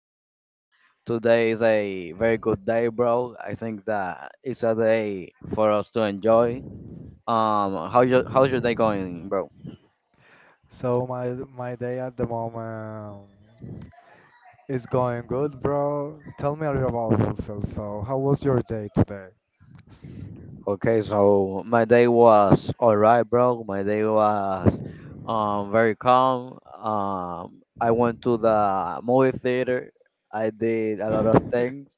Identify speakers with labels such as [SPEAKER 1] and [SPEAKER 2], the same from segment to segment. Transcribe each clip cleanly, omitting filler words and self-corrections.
[SPEAKER 1] think that today is a very good day, bro. I think that it's a day for us to enjoy. How your how's your day going, bro?
[SPEAKER 2] So my day at the moment is going good, bro. Tell me a little about yourself. So how was your day today?
[SPEAKER 1] Okay, so my day was alright, bro. My day was very calm. I went to the movie theater. I did a lot of things.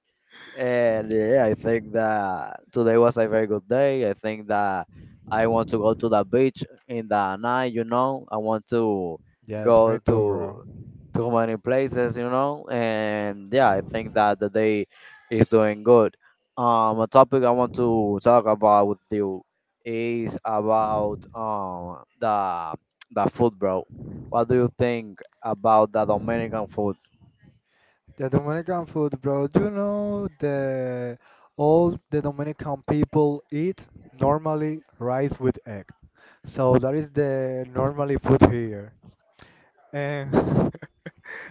[SPEAKER 1] And yeah, I think that today was a very good day. I think that I want to go to the beach in the night, you know. I want to
[SPEAKER 2] Yes, me
[SPEAKER 1] go
[SPEAKER 2] too, bro.
[SPEAKER 1] to too many places, you know. And yeah, I think that the day is doing good. A topic I want to talk about with you is about the food, bro. What do you think about the Dominican food?
[SPEAKER 2] The Dominican food, bro. Do you know the all the Dominican people eat normally rice with egg. So that is the normally food here. And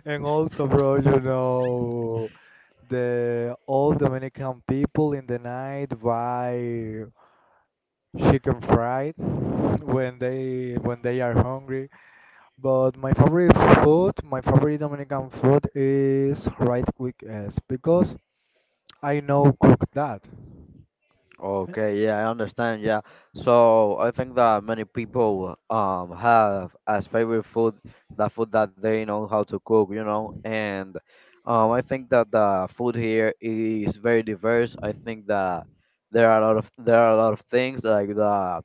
[SPEAKER 2] and also, bro, the old Dominican people in the night buy chicken fried when they are hungry. But my favorite Dominican food is rice with eggs because I know cook that.
[SPEAKER 1] Okay, yeah, I understand. Yeah. So I think that many people have as favorite food the food that they know how to cook, you know, and I think that the food here is very diverse. I think that there are a lot of there are a lot of things like the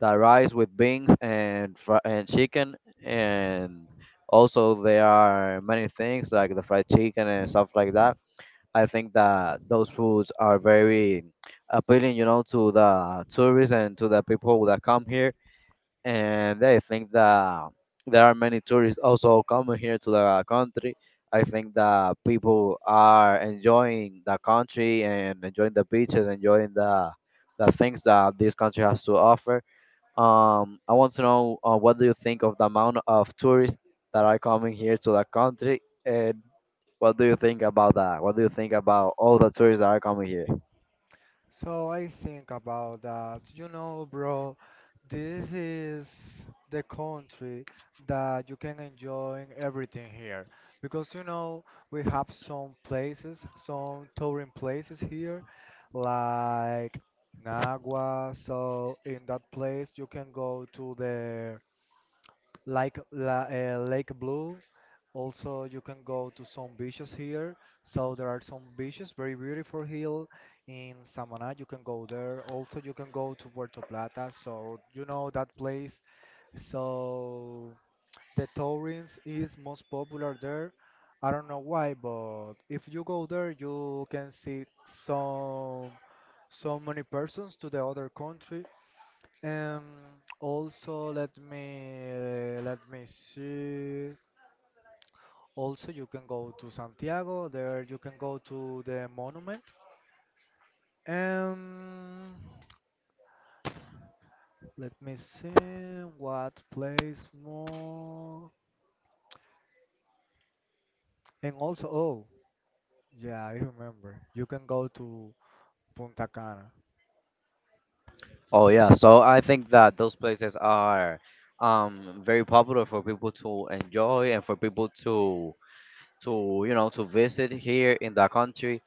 [SPEAKER 1] the rice with beans and and chicken and also there are many things like the fried chicken and stuff like that. I think that those foods are very appealing, you know, to the tourists and to the people that come here. And I think that there are many tourists also coming here to the country. I think that people are enjoying the country and enjoying the beaches, enjoying the things that this country has to offer. I want to know what do you think of the amount of tourists that are coming here to the country, and what do you think about that? What do you think about all the tourists that are coming here?
[SPEAKER 2] So I think about that. You know, bro, this is the country that you can enjoy everything here. Because, you know, we have some places, some touring places here, like Nagua. So in that place, you can go to the like Lake Blue. Also, you can go to some beaches here. So there are some beaches, very beautiful hill in Samaná. You can go there. Also, you can go to Puerto Plata. So you know that place. So the tourings is most popular there. I don't know why, but if you go there, you can see some so many persons to the other country. Also, let me see. Also, you can go to Santiago. There, you can go to the monument. Um, Let me see what place more. And also, oh, yeah, I remember. You can go to Punta Cana.
[SPEAKER 1] Oh yeah, so I think that those places are very popular for people to enjoy and for people to you know, to visit here in the country.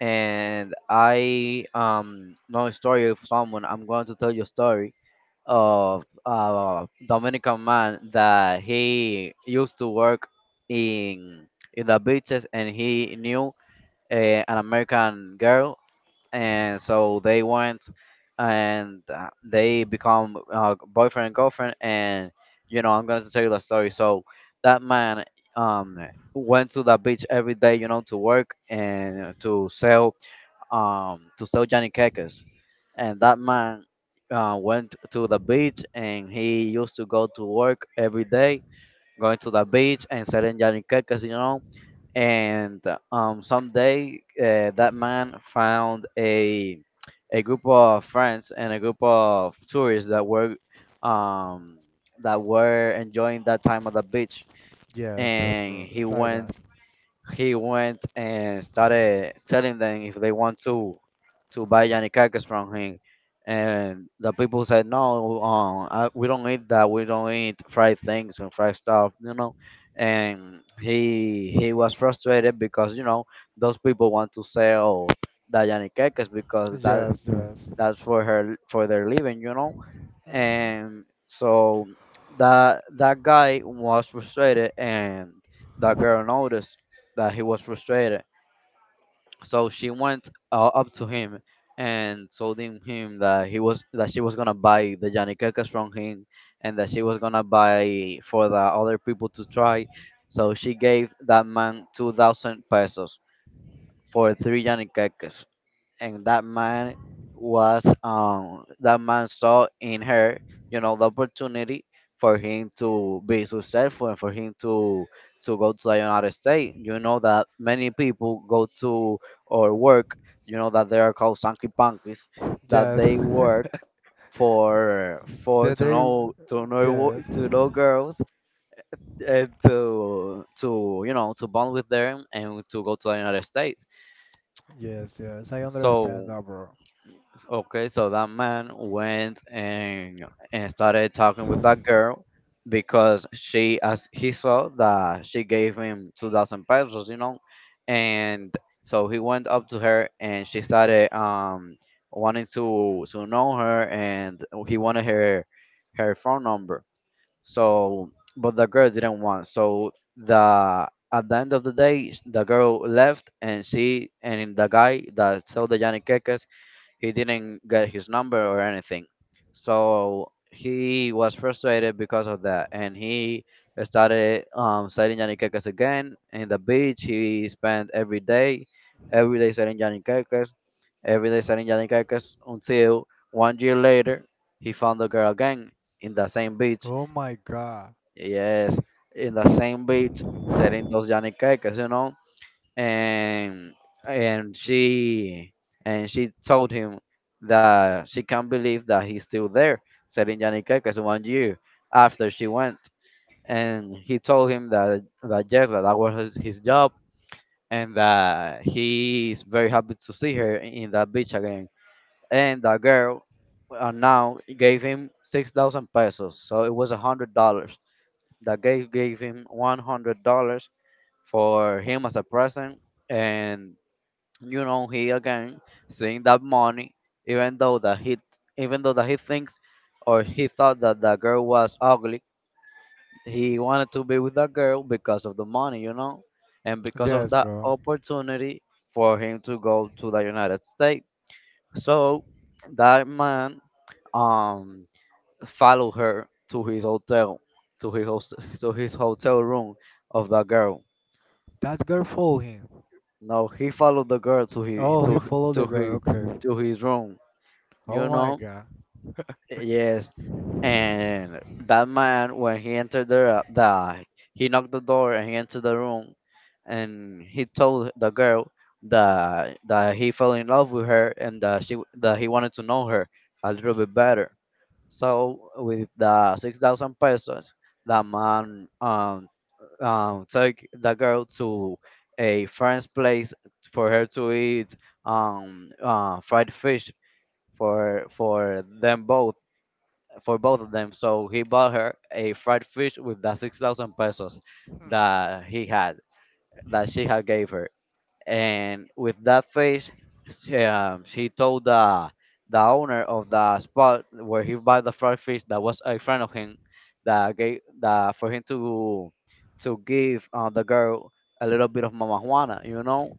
[SPEAKER 1] And I, know a story of someone. I'm going to tell you a story of a Dominican man that he used to work in in the beaches and he knew an American girl and so they went and they become boyfriend and girlfriend, and you know, I'm going to tell you the story. So that man um went to the beach every day, you know, to work and to sell Johnny Cakes. And that man went to the beach and he used to go to work every day, going to the beach and selling Johnny Cakes, you know. And someday that man found a group of friends and a group of tourists um, that were enjoying that time at the beach,
[SPEAKER 2] Yes, yes,
[SPEAKER 1] and
[SPEAKER 2] bro.
[SPEAKER 1] he
[SPEAKER 2] It's like that.
[SPEAKER 1] went he went and started telling them if they want to buy Yanikakis from him. And the people said, no, I, we don't eat that. We don't eat fried things and fried stuff, you know. And he was frustrated because, you know, those people want to sell the Yanikakis because that
[SPEAKER 2] Yes, yes.
[SPEAKER 1] that's for her for their living, you know,
[SPEAKER 2] Hmm.
[SPEAKER 1] and so that guy was frustrated, and that girl noticed that he was frustrated, so she went up to him and told him that he was that she was gonna buy the Janikekas from him, and that she was gonna buy for the other people to try. So she gave that man 2000 pesos for three Janikekas. And that man was that man saw in her, you know, the opportunity for him to be successful and for him to go to the United States, you know, that many people go to or work, you know, that they are called sanky punkies, that
[SPEAKER 2] Yes.
[SPEAKER 1] they work for
[SPEAKER 2] The
[SPEAKER 1] to
[SPEAKER 2] day.
[SPEAKER 1] know to
[SPEAKER 2] Yes.
[SPEAKER 1] know girls and to you know to bond with them and to go to the United States.
[SPEAKER 2] Yes, yes. I understand
[SPEAKER 1] So
[SPEAKER 2] that, bro.
[SPEAKER 1] okay, so that man went and started talking with that girl because she as he saw that she gave him 2,000 pesos, you know, and so he went up to her and she started wanting to know her and he wanted her her phone number. So but the girl didn't want. So the at the end of the day, the girl left, and she and the guy that sold the Yanni, he didn't get his number or anything. So he was frustrated because of that, and he started selling yaniqueques again in the beach. He spent every day selling yaniqueques, every day selling yaniqueques until 1 year later he found the girl again in the same beach.
[SPEAKER 2] Oh my god.
[SPEAKER 1] Yes, in the same beach selling those yaniqueques, you know, and and she, and she told him that she can't believe that he's still there selling Yaniquecas 1 year after she went. And he told him that that yes, that that was his job, and that he is very happy to see her in that beach again. And the girl now gave him 6,000 pesos, so it was $100. The girl gave him $100 for him as a present, and you know, he again seeing that money, even though that he even though that he thinks or he thought that the girl was ugly, he wanted to be with that girl because of the money, you know, and because of
[SPEAKER 2] Yes,
[SPEAKER 1] that
[SPEAKER 2] bro.
[SPEAKER 1] opportunity for him to go to the United States. So that man um followed her to his hotel to his host, to his hotel room of the girl.
[SPEAKER 2] That girl followed him.
[SPEAKER 1] No, he followed the girl
[SPEAKER 2] Oh, he followed
[SPEAKER 1] to
[SPEAKER 2] the girl.
[SPEAKER 1] his
[SPEAKER 2] Okay.
[SPEAKER 1] to his room, you
[SPEAKER 2] Oh my
[SPEAKER 1] know.
[SPEAKER 2] god.
[SPEAKER 1] Yes, and that man when he entered the he knocked the door and he entered the room and he told the girl that that he fell in love with her and that she that he wanted to know her a little bit better. So with the 6,000 pesos the man took the girl to a friend's place for her to eat fried fish for them both, for both of them. So he bought her a fried fish with the 6,000 pesos
[SPEAKER 2] Hmm.
[SPEAKER 1] that he had that she had gave her, and with that fish, she told the owner of the spot where he bought the fried fish that was a friend of him that gave that for him to give the girl a little bit of mama juana, you know.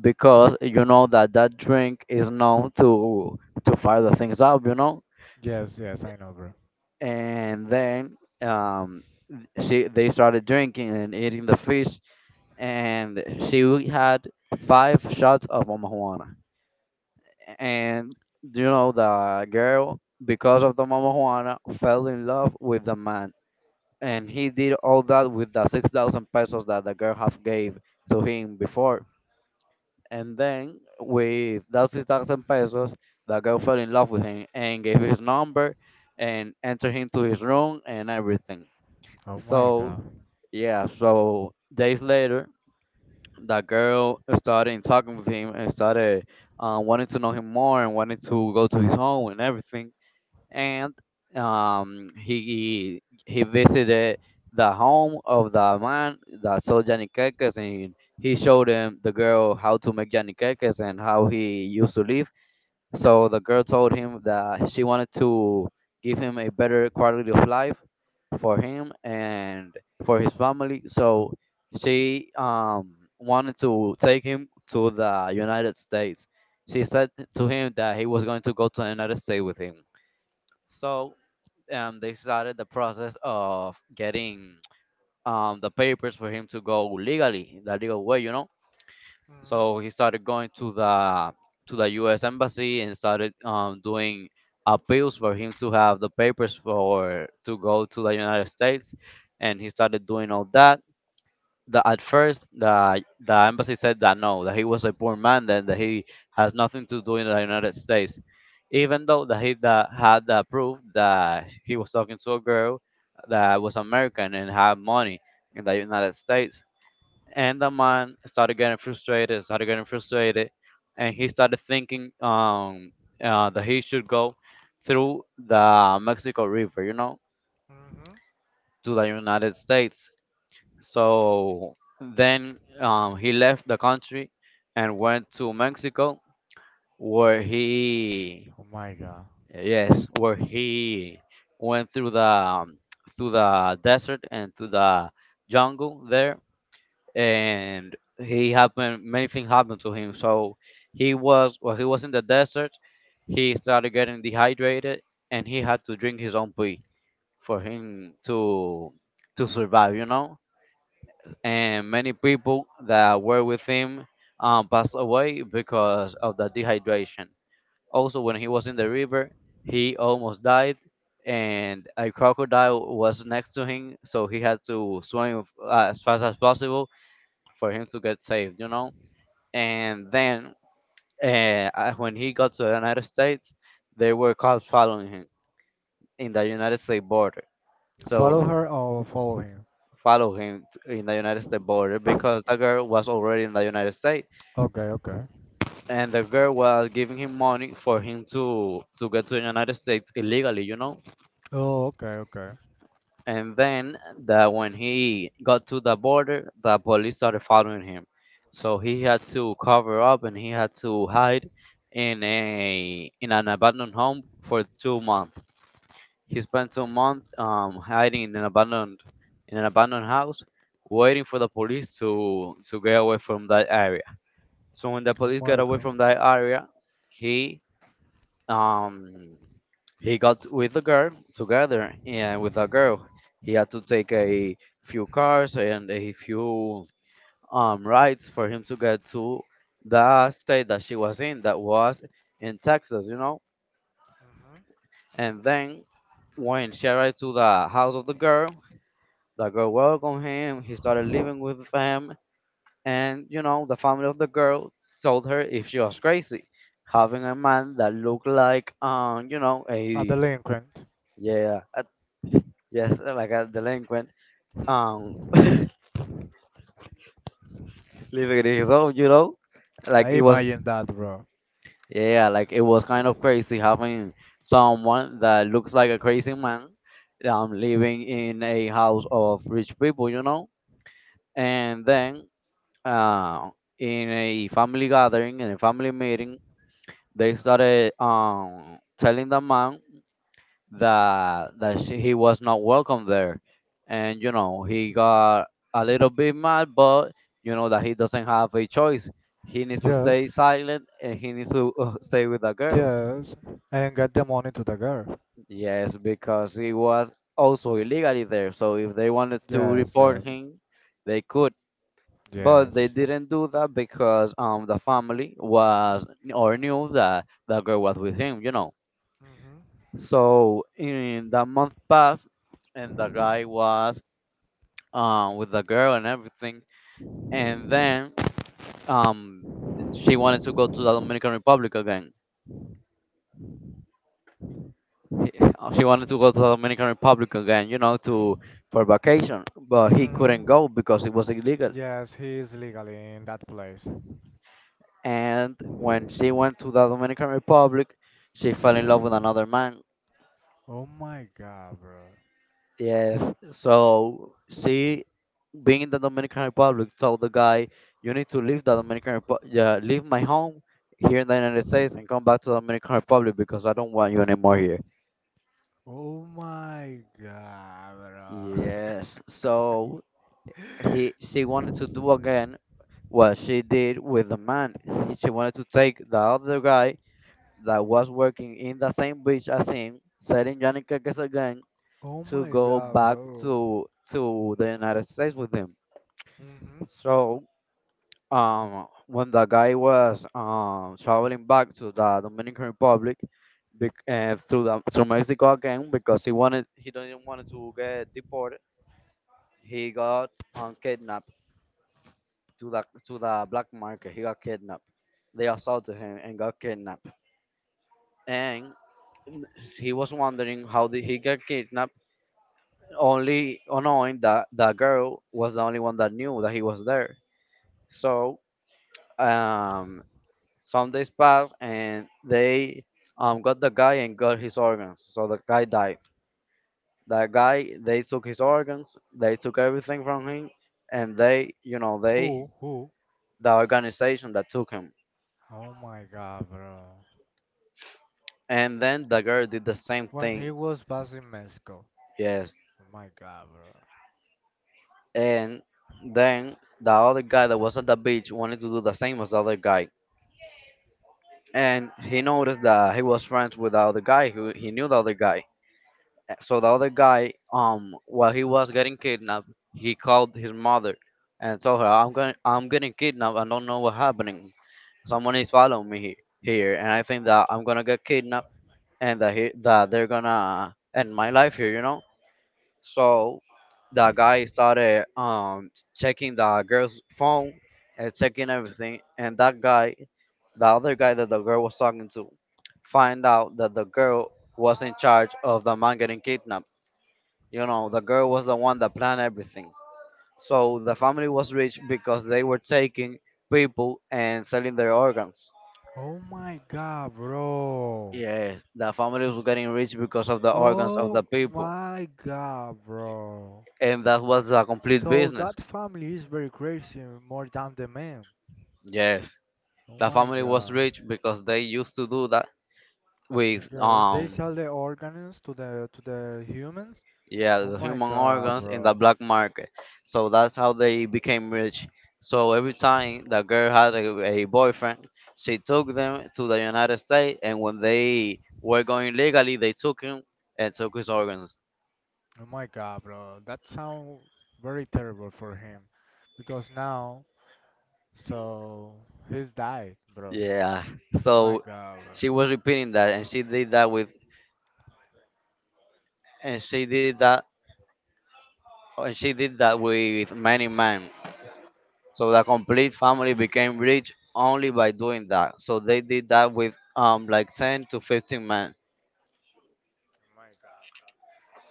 [SPEAKER 1] Because you know that that drink is known to fire the things up, you know,
[SPEAKER 2] Yes, yes, I know, bro.
[SPEAKER 1] and then she they started drinking and eating the fish, and she had five shots of marijuana, and you know, the girl because of the marijuana fell in love with the man, and he did all that with the 6,000 pesos that the girl have gave to him before, and then with that 6,000 pesos the girl fell in love with him and gave his number and entered him to his room and everything.
[SPEAKER 2] Oh my
[SPEAKER 1] So
[SPEAKER 2] god.
[SPEAKER 1] yeah, so days later, that girl started talking with him and started wanting to know him more and wanting to go to his home and everything. And he visited the home of the man that sold Janikekes, and he showed him the girl how to make Janikekes and how he used to live. So the girl told him that she wanted to give him a better quality of life for him and for his family. So she wanted to take him to the United States. She said to him that he was going to go to the United States with him. So they started the process of getting the papers for him to go legally, the legal way, you know.
[SPEAKER 2] Mm-hmm.
[SPEAKER 1] So he started going to the U.S. embassy and started doing appeals for him to have the papers for to go to the United States, and he started doing all that. The, at first, the embassy said that no, that he was a poor man, then that he has nothing to do in the United States, even though that he that had the proof that he was talking to a girl that was American and had money in the United States. And the man started getting frustrated, and he started thinking that he should go through the Mexico River, you know,
[SPEAKER 2] Mm-hmm.
[SPEAKER 1] to the United States. So then he left the country and went to Mexico, where he
[SPEAKER 2] Oh my god.
[SPEAKER 1] yes, where he went through the desert and through the jungle there, and he happened many things happened to him. So he was in the desert, he started getting dehydrated, and he had to drink his own pee for him to survive, you know. And many people that were with him passed away because of the dehydration. Also, when he was in the river, he almost died, and a crocodile was next to him, so he had to swim as fast as possible for him to get saved, you know. And then uh, when he got to the United States, there were cops following him in the United States border.
[SPEAKER 2] Follow
[SPEAKER 1] So
[SPEAKER 2] her or follow him?
[SPEAKER 1] follow him in the United States border, because the girl was already in the United States,
[SPEAKER 2] Okay, okay.
[SPEAKER 1] and the girl was giving him money for him to get to the United States illegally, you know.
[SPEAKER 2] Oh, okay, okay.
[SPEAKER 1] And then, that when he got to the border, the police started following him. So he had to cover up and he had to hide in a in an abandoned home for 2 months. He spent 2 months hiding in an abandoned house, waiting for the police to get away from that area. So when the
[SPEAKER 2] Oh
[SPEAKER 1] police got
[SPEAKER 2] my
[SPEAKER 1] away
[SPEAKER 2] god.
[SPEAKER 1] from that area, he um, he got with the girl together, and with the girl he had to take a few cars and a few rides for him to get to the state that she was in, that was in Texas, you know.
[SPEAKER 2] Mm-hmm.
[SPEAKER 1] And then when she arrived to the house of the girl, the girl welcomed him, he started living with them, and you know, the family of the girl told her if she was crazy having a man that looked like you know,
[SPEAKER 2] A
[SPEAKER 1] a
[SPEAKER 2] delinquent.
[SPEAKER 1] yeah a Yes, like a delinquent,
[SPEAKER 2] Hmm.
[SPEAKER 1] um, living in his own, you know, like
[SPEAKER 2] I
[SPEAKER 1] it was,
[SPEAKER 2] imagine that, bro.
[SPEAKER 1] yeah, like it was kind of crazy having someone that looks like a crazy man, living in a house of rich people, you know. And then, uh, in a family gathering, in a family meeting, they started, telling the man that he was not welcome there. And you know, he got a little bit mad, but you know that he doesn't have a choice. He needs to
[SPEAKER 2] Yes,
[SPEAKER 1] stay silent and he needs to stay with the girl.
[SPEAKER 2] yes. And get the money to the girl.
[SPEAKER 1] Yes, because he was also illegally there. So if they wanted to
[SPEAKER 2] Yes,
[SPEAKER 1] report
[SPEAKER 2] yes,
[SPEAKER 1] him, they could. But they
[SPEAKER 2] yes.
[SPEAKER 1] didn't do that because the family was or knew that the girl was with him, you know.
[SPEAKER 2] Mm-hmm.
[SPEAKER 1] So in the month passed, and the guy was with the girl and everything. And then um, she wanted to go to the Dominican Republic again. She wanted to go to the Dominican Republic again, you know, to for vacation. But he
[SPEAKER 2] Hmm.
[SPEAKER 1] couldn't go because it was illegal.
[SPEAKER 2] Yes, he is legally in that place.
[SPEAKER 1] And when she went to the Dominican Republic, she fell in love with another man.
[SPEAKER 2] Oh my god, bro.
[SPEAKER 1] Yes. So she, being in the Dominican Republic, told the guy, "You need to leave the Dominican Republic, yeah, leave my home here in the United States and come back to the Dominican Republic because I don't want you anymore here."
[SPEAKER 2] Oh my god, bro.
[SPEAKER 1] Yes. So he she wanted to do again what she did with the man. She wanted to take the other guy that was working in the same beach as him, setting Yannicka again
[SPEAKER 2] Oh
[SPEAKER 1] to
[SPEAKER 2] my
[SPEAKER 1] go
[SPEAKER 2] god,
[SPEAKER 1] back
[SPEAKER 2] bro.
[SPEAKER 1] to the United States with him.
[SPEAKER 2] Mm-hmm.
[SPEAKER 1] So when the guy was traveling back to the Dominican Republic, through Mexico again, because he didn't want to get deported. He got kidnapped to the black market. He got kidnapped. They assaulted him and got kidnapped. And he was wondering how did he get kidnapped, only knowing that the girl was the only one that knew that he was there. So um some days passed, and they got the guy and got his organs. So the guy died. That guy, they took his organs, they took everything from him, and they, you know, they,
[SPEAKER 2] Who? Who?
[SPEAKER 1] the organization that took him.
[SPEAKER 2] Oh my god, bro.
[SPEAKER 1] And then the girl did the same
[SPEAKER 2] When
[SPEAKER 1] thing.
[SPEAKER 2] he was back in Mexico.
[SPEAKER 1] Yes.
[SPEAKER 2] Oh my god, bro.
[SPEAKER 1] And then the other guy that was at the beach wanted to do the same as the other guy. And he noticed that he was friends with the other guy. Who he knew the other guy, so the other guy while he was getting kidnapped, he called his mother and told her, "I'm going, I'm getting kidnapped, I don't know what's happening, someone is following me here, and I think that I'm gonna get kidnapped, and that they're gonna end my life here, you know." So the guy started checking the girl's phone and checking everything, and that guy, the other guy that the girl was talking to, find out that the girl was in charge of the man getting kidnapped, you know, the girl was the one that planned everything. So the family was rich because they were taking people and selling their organs.
[SPEAKER 2] Oh my god, bro.
[SPEAKER 1] Yes, the family was getting rich because of the organs of the
[SPEAKER 2] Oh
[SPEAKER 1] people.
[SPEAKER 2] my god, bro.
[SPEAKER 1] And that was a complete
[SPEAKER 2] So
[SPEAKER 1] business.
[SPEAKER 2] that family is very crazy, more than the man.
[SPEAKER 1] Yes,
[SPEAKER 2] Oh
[SPEAKER 1] the
[SPEAKER 2] my
[SPEAKER 1] family was
[SPEAKER 2] god.
[SPEAKER 1] rich because they used to do that with
[SPEAKER 2] Yes, they sell the organs to the humans.
[SPEAKER 1] Yeah,
[SPEAKER 2] Oh
[SPEAKER 1] the
[SPEAKER 2] my
[SPEAKER 1] human
[SPEAKER 2] god,
[SPEAKER 1] organs in the
[SPEAKER 2] bro.
[SPEAKER 1] black market. So that's how they became rich. So every time the girl had a boyfriend, she took them to the United States, and when they were going legally, they took him and took his organs.
[SPEAKER 2] Oh my god, bro. That sound very terrible for him because now so he's died, bro.
[SPEAKER 1] Yeah.
[SPEAKER 2] My
[SPEAKER 1] So
[SPEAKER 2] god, bro.
[SPEAKER 1] she was repeating that, and she did that, and she did that with many men. So the complete family became rich only by doing that. So they did that with like 10 to 15 men.
[SPEAKER 2] My god, bro.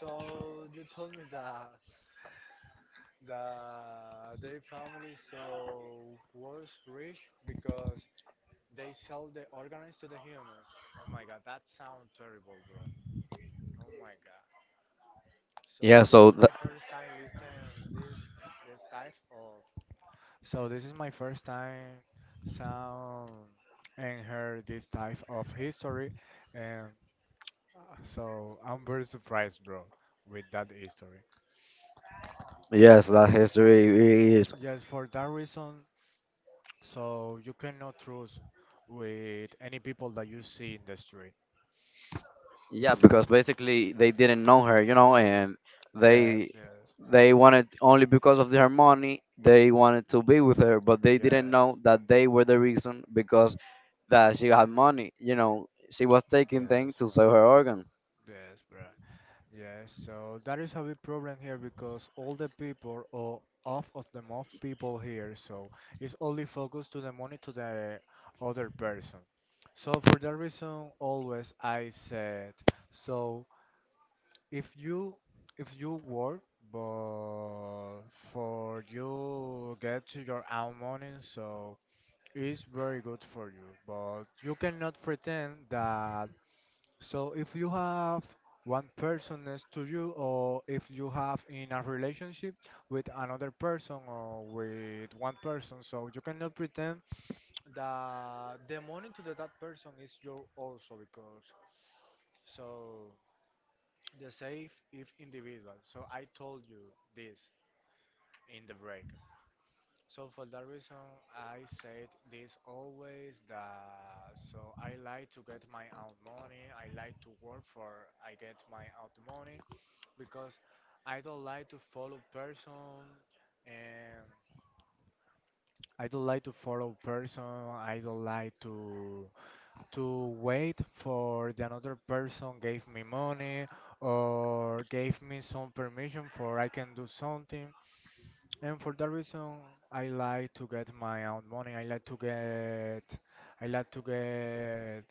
[SPEAKER 2] So you told me that their family so was rich because they sell the organs to the humans. Oh my god, that sound terrible, bro. Oh my god. So
[SPEAKER 1] Yeah,
[SPEAKER 2] this is
[SPEAKER 1] so
[SPEAKER 2] my first time listening this type of. So this is my first time sound and heard this type of history, and so I'm very surprised, bro, with that history.
[SPEAKER 1] Yes, that history really is.
[SPEAKER 2] Yes, for that reason, so you cannot trust with any people that you see in the street.
[SPEAKER 1] Yeah, because basically they didn't know her, you know, and they
[SPEAKER 2] Yes, yes,
[SPEAKER 1] they wanted, only because of her money, they wanted to be with her, but they didn't
[SPEAKER 2] yes,
[SPEAKER 1] know that they were the reason because that she had money, you know, she was taking
[SPEAKER 2] yes,
[SPEAKER 1] things to
[SPEAKER 2] bro.
[SPEAKER 1] sell her organs.
[SPEAKER 2] Yes, bro. Yeah, so that is a big problem here because all the people or half of the most people here, so it's only focused to the money to the other person. So for that reason, always I said, so if you if you work, but for you get to your own money, so it's very good for you. But you cannot pretend that so if you have one person next to you, or if you have in a relationship with another person or with one person, so you cannot pretend that the money to the, that person is your also because so the safe if individual. So I told you this in the break. So for that reason, I said this always that so I like to get my own money. I like to work for I get my own money because I don't like to follow person, and I don't like to follow person. I don't like to wait for the another person gave me money or gave me some permission for I can do something. And for that reason, I like to get my own money. I like to get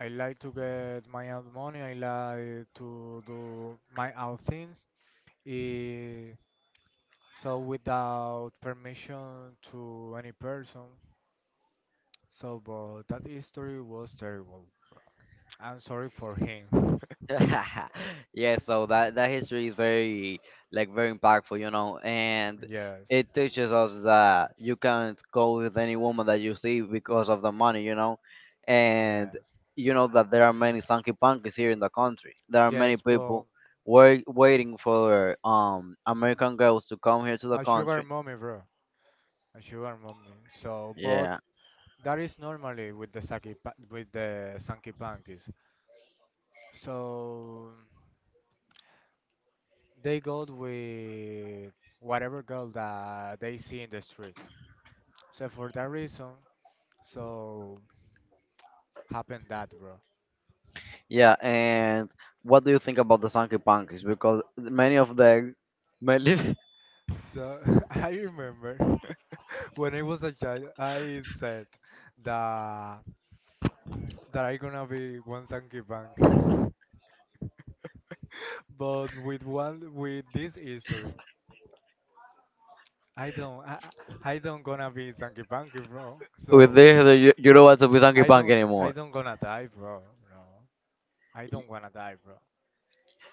[SPEAKER 2] I like to get my own money. I like to do my own things. Eh, So without permission to any person. So, but that history was terrible. I'm sorry for him.
[SPEAKER 1] Yeah, so that history is very like very impactful, you know. And
[SPEAKER 2] Yes,
[SPEAKER 1] it teaches us that you can't go with any woman that you see because of the money, you know. And
[SPEAKER 2] yes,
[SPEAKER 1] you know that there are many sanky punkies here in the country, there are many
[SPEAKER 2] yes, but
[SPEAKER 1] people waiting for american girls to come here to the
[SPEAKER 2] a sugar
[SPEAKER 1] country.
[SPEAKER 2] mommy, bro, a sugar mommy. So, but
[SPEAKER 1] Yeah,
[SPEAKER 2] that is normally with the Sanky Pankies. So they go with whatever girl that they see in the street. So for that reason, so happened that, bro.
[SPEAKER 1] yeah. And what do you think about the sanky punkies, because many of them, many
[SPEAKER 2] So I remember when I was a child, I said that that I gonna be one Sankey Bank. But with this history, I don't I, I don't gonna be Sankey Bank, bro.
[SPEAKER 1] with
[SPEAKER 2] So
[SPEAKER 1] this, you don't want to be sanky
[SPEAKER 2] I
[SPEAKER 1] punk
[SPEAKER 2] don't I
[SPEAKER 1] anymore.
[SPEAKER 2] don't gonna die, bro. No, I
[SPEAKER 1] Y-
[SPEAKER 2] don't wanna die, bro.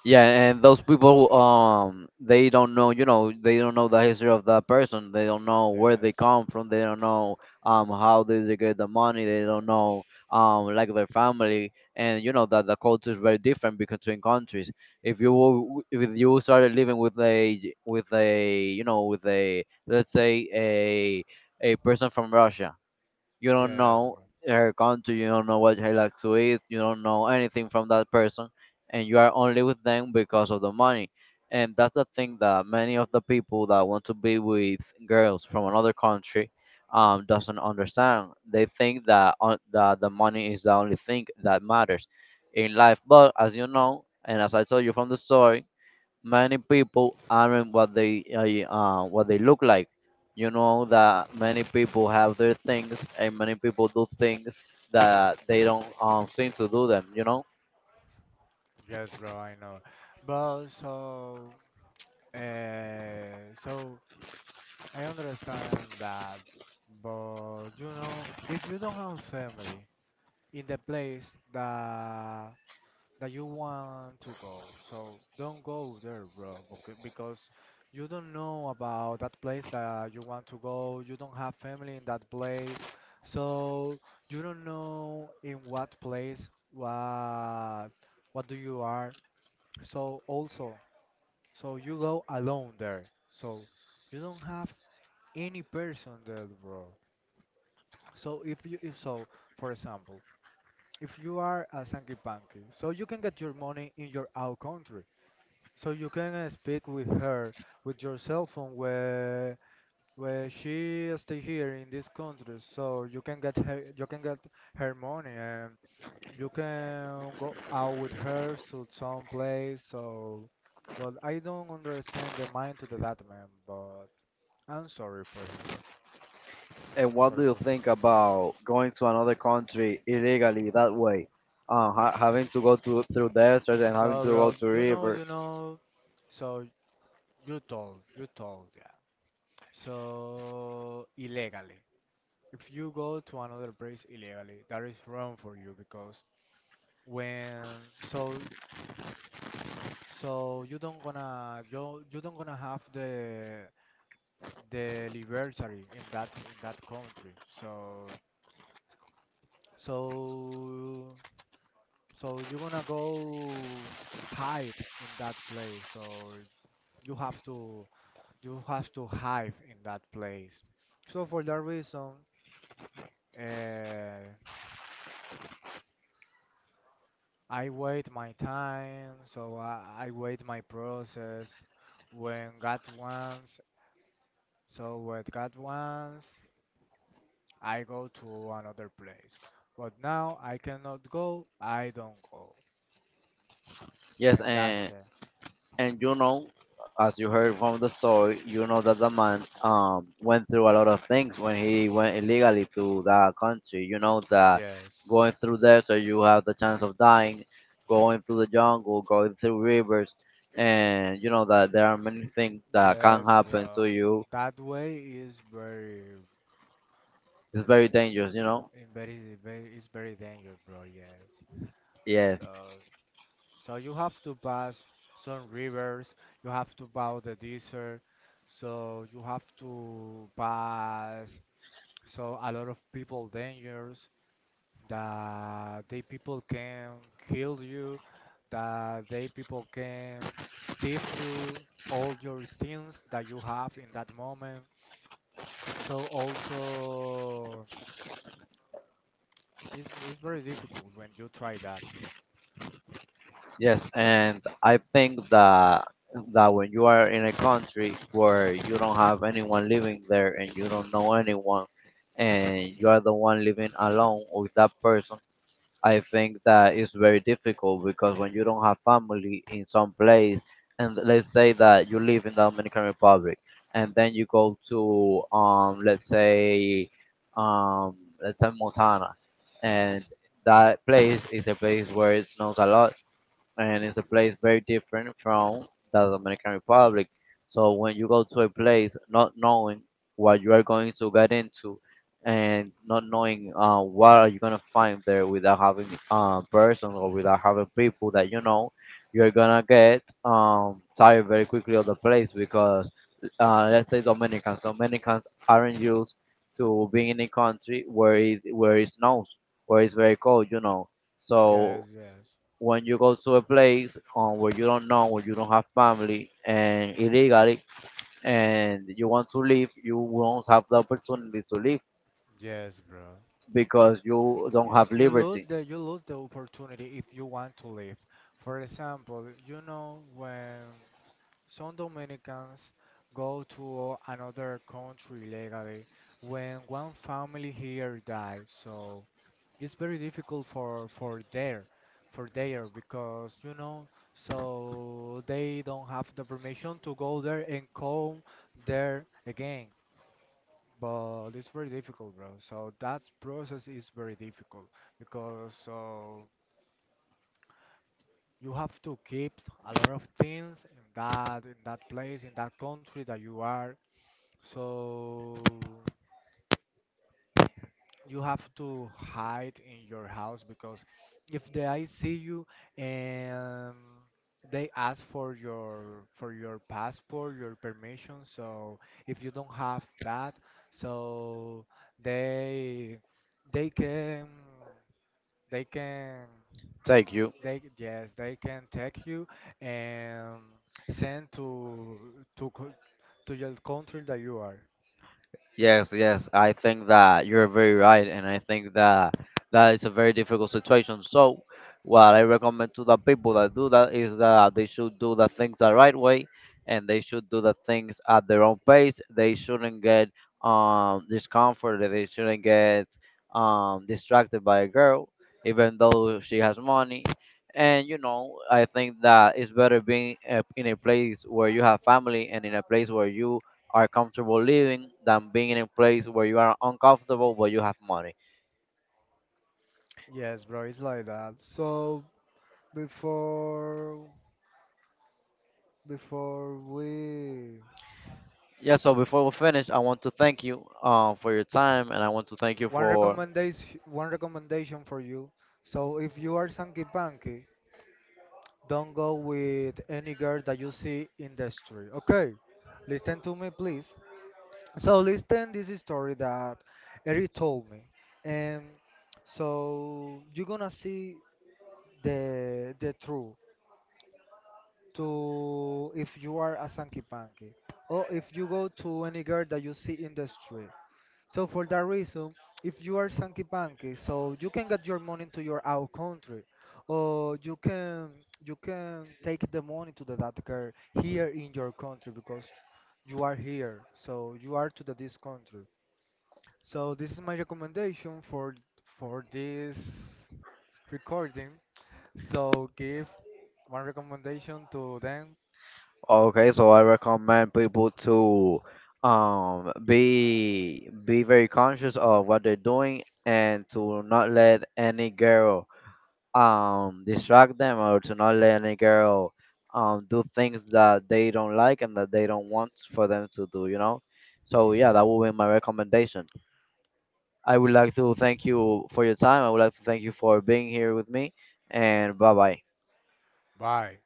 [SPEAKER 1] Yeah, and those people, they don't know, you know, they don't know the history of that person. They don't know where they
[SPEAKER 2] Yes,
[SPEAKER 1] come from. They don't know how did they get the money. They don't know, like, their family, and you know that the culture is very different between countries. If you started living with a you know, with a, let's say, a a person from Russia, you don't
[SPEAKER 2] yes,
[SPEAKER 1] know
[SPEAKER 2] bro.
[SPEAKER 1] her country, you don't know what she likes to eat, you don't know anything from that person, and you are only with them because of the money. And that's the thing that many of the people that want to be with girls from another country doesn't understand. They think that that the money is the only thing that matters in life. But as you know, and as I told you from the story, many people aren't what they look like. You know that many people have their things, and many people do things that they don't seem to do them. You know.
[SPEAKER 2] Yes, bro. I know. But so I understand that, but you know, if you don't have family in the place that that you want to go, so don't go there, bro, okay? Because you don't know about that place that you want to go. You don't have family in that place, so you don't know in what place what do you are. So also, so you go alone there. So you don't have any person there, bro. So if so, for example, if you are a Sankey Panky, so you can get your money in your out country. So you can speak with her with your cell phone where she stay here in this country. So you can get her you can get her money and you can go out with her to some place. So, but I don't understand the mind to the that man. But I'm sorry for him.
[SPEAKER 1] And
[SPEAKER 2] I'm
[SPEAKER 1] what
[SPEAKER 2] sorry
[SPEAKER 1] do
[SPEAKER 2] for
[SPEAKER 1] you
[SPEAKER 2] him.
[SPEAKER 1] think about going to another country illegally that way? Having to go to, through deserts and having
[SPEAKER 2] So,
[SPEAKER 1] to go
[SPEAKER 2] bro,
[SPEAKER 1] to
[SPEAKER 2] you know,
[SPEAKER 1] river.
[SPEAKER 2] you know, so you told, yeah. So, illegally, if you go to another place illegally, that is wrong for you because when, so, so you don't gonna have the liberty in that country. So, so you're gonna go hide in that place. So you have to you have to hide in that place. So for that reason, uh, I wait my time, so I wait my process. When God wants, so when God wants, I go to another place. But now I cannot go, I don't go.
[SPEAKER 1] Yes,
[SPEAKER 2] And that's it.
[SPEAKER 1] and you know, as you heard from the story, you know that the man went through a lot of things when he went illegally to that country. You know that
[SPEAKER 2] Yes.
[SPEAKER 1] going through there, so you have the chance of dying, going through the jungle, going through rivers, and you know that there are many things that can
[SPEAKER 2] Yes,
[SPEAKER 1] happen to
[SPEAKER 2] bro.
[SPEAKER 1] you.
[SPEAKER 2] That way is very,
[SPEAKER 1] It's very dangerous, you know.
[SPEAKER 2] in very, very, it's very dangerous, bro. Yes.
[SPEAKER 1] Yes.
[SPEAKER 2] So So you have to pass some rivers, you have to pass the desert, so you have to pass so a lot of people dangers that they people can kill you, that they people can thief you all your things that you have in that moment. So also it's very difficult when you try that, bro.
[SPEAKER 1] Yes, and I think that when you are in a country where you don't have anyone living there and you don't know anyone, and you are the one living alone with that person, I think that it's very difficult, because when you don't have family in some place, and let's say that you live in the Dominican Republic and then you go to um let's say Montana, and that place is a place where it snows a lot, and it's a place very different from the Dominican Republic. So when you go to a place not knowing what you are going to get into, and not knowing what are you gonna find there, without having persons or without having people that you know, you're gonna get tired very quickly of the place, because let's say Dominicans, Dominicans aren't used to being in a country where it snows, where it's very cold, you know.
[SPEAKER 2] Yes,
[SPEAKER 1] So
[SPEAKER 2] yes.
[SPEAKER 1] when you go to a place where you don't know, where you don't have family, and illegally, and you want to leave, you won't have the opportunity to leave
[SPEAKER 2] Yes, bro.
[SPEAKER 1] because you don't
[SPEAKER 2] Yes,
[SPEAKER 1] have
[SPEAKER 2] you lose
[SPEAKER 1] liberty.
[SPEAKER 2] the opportunity if you want to leave. For example, you know, when some Dominicans go to another country legally, when one family here dies, so it's very difficult for there because you know so they don't have the permission to go there and come there again, but it's very difficult, bro. So that process is very difficult because so you have to keep a lot of things in that place in that country that you are. So you have to hide in your house because if they see you and they ask for your passport, your permission, so if you don't have that, so they they can they can
[SPEAKER 1] Take you.
[SPEAKER 2] they, yes, they can take you and send to co- to your country that you are.
[SPEAKER 1] Yes, yes, I think that you're very right, and I think that that is a very difficult situation. So, what I recommend to the people that do that is that they should do the things the right way, and they should do the things at their own pace. They shouldn't get discomforted. They shouldn't get distracted by a girl, even though she has money. And you know, I think that it's better being in a place where you have family and in a place where you are comfortable living than being in a place where you are uncomfortable but you have money.
[SPEAKER 2] Yes, bro, it's like that. So before. Before we
[SPEAKER 1] Yeah, so before we finish, I want to thank you for your time and I want to thank you for.
[SPEAKER 2] one recommendation for you, so if you are Sanky Panky, don't go with any girl that you see in the street. Okay, listen to me, please. So listen, this is story that Eric told me, and so you're gonna see the truth to if you are a Sanky Panky or if you go to any girl that you see in the street. So for that reason, if you are Sankey Panky, so you can get your money to your out country, or you can take the money to the that here in your country because you are here, so you are to the this country. So this is my recommendation for this recording. So give one recommendation to them.
[SPEAKER 1] Okay, so I recommend people to be very conscious of what they're doing and to not let any girl distract them or to not let any girl do things that they don't like and that they don't want for them to do, you know? So, yeah, that would be my recommendation. I would like to thank you for your time. I would like to thank you for being here with me. And bye bye.
[SPEAKER 2] Bye.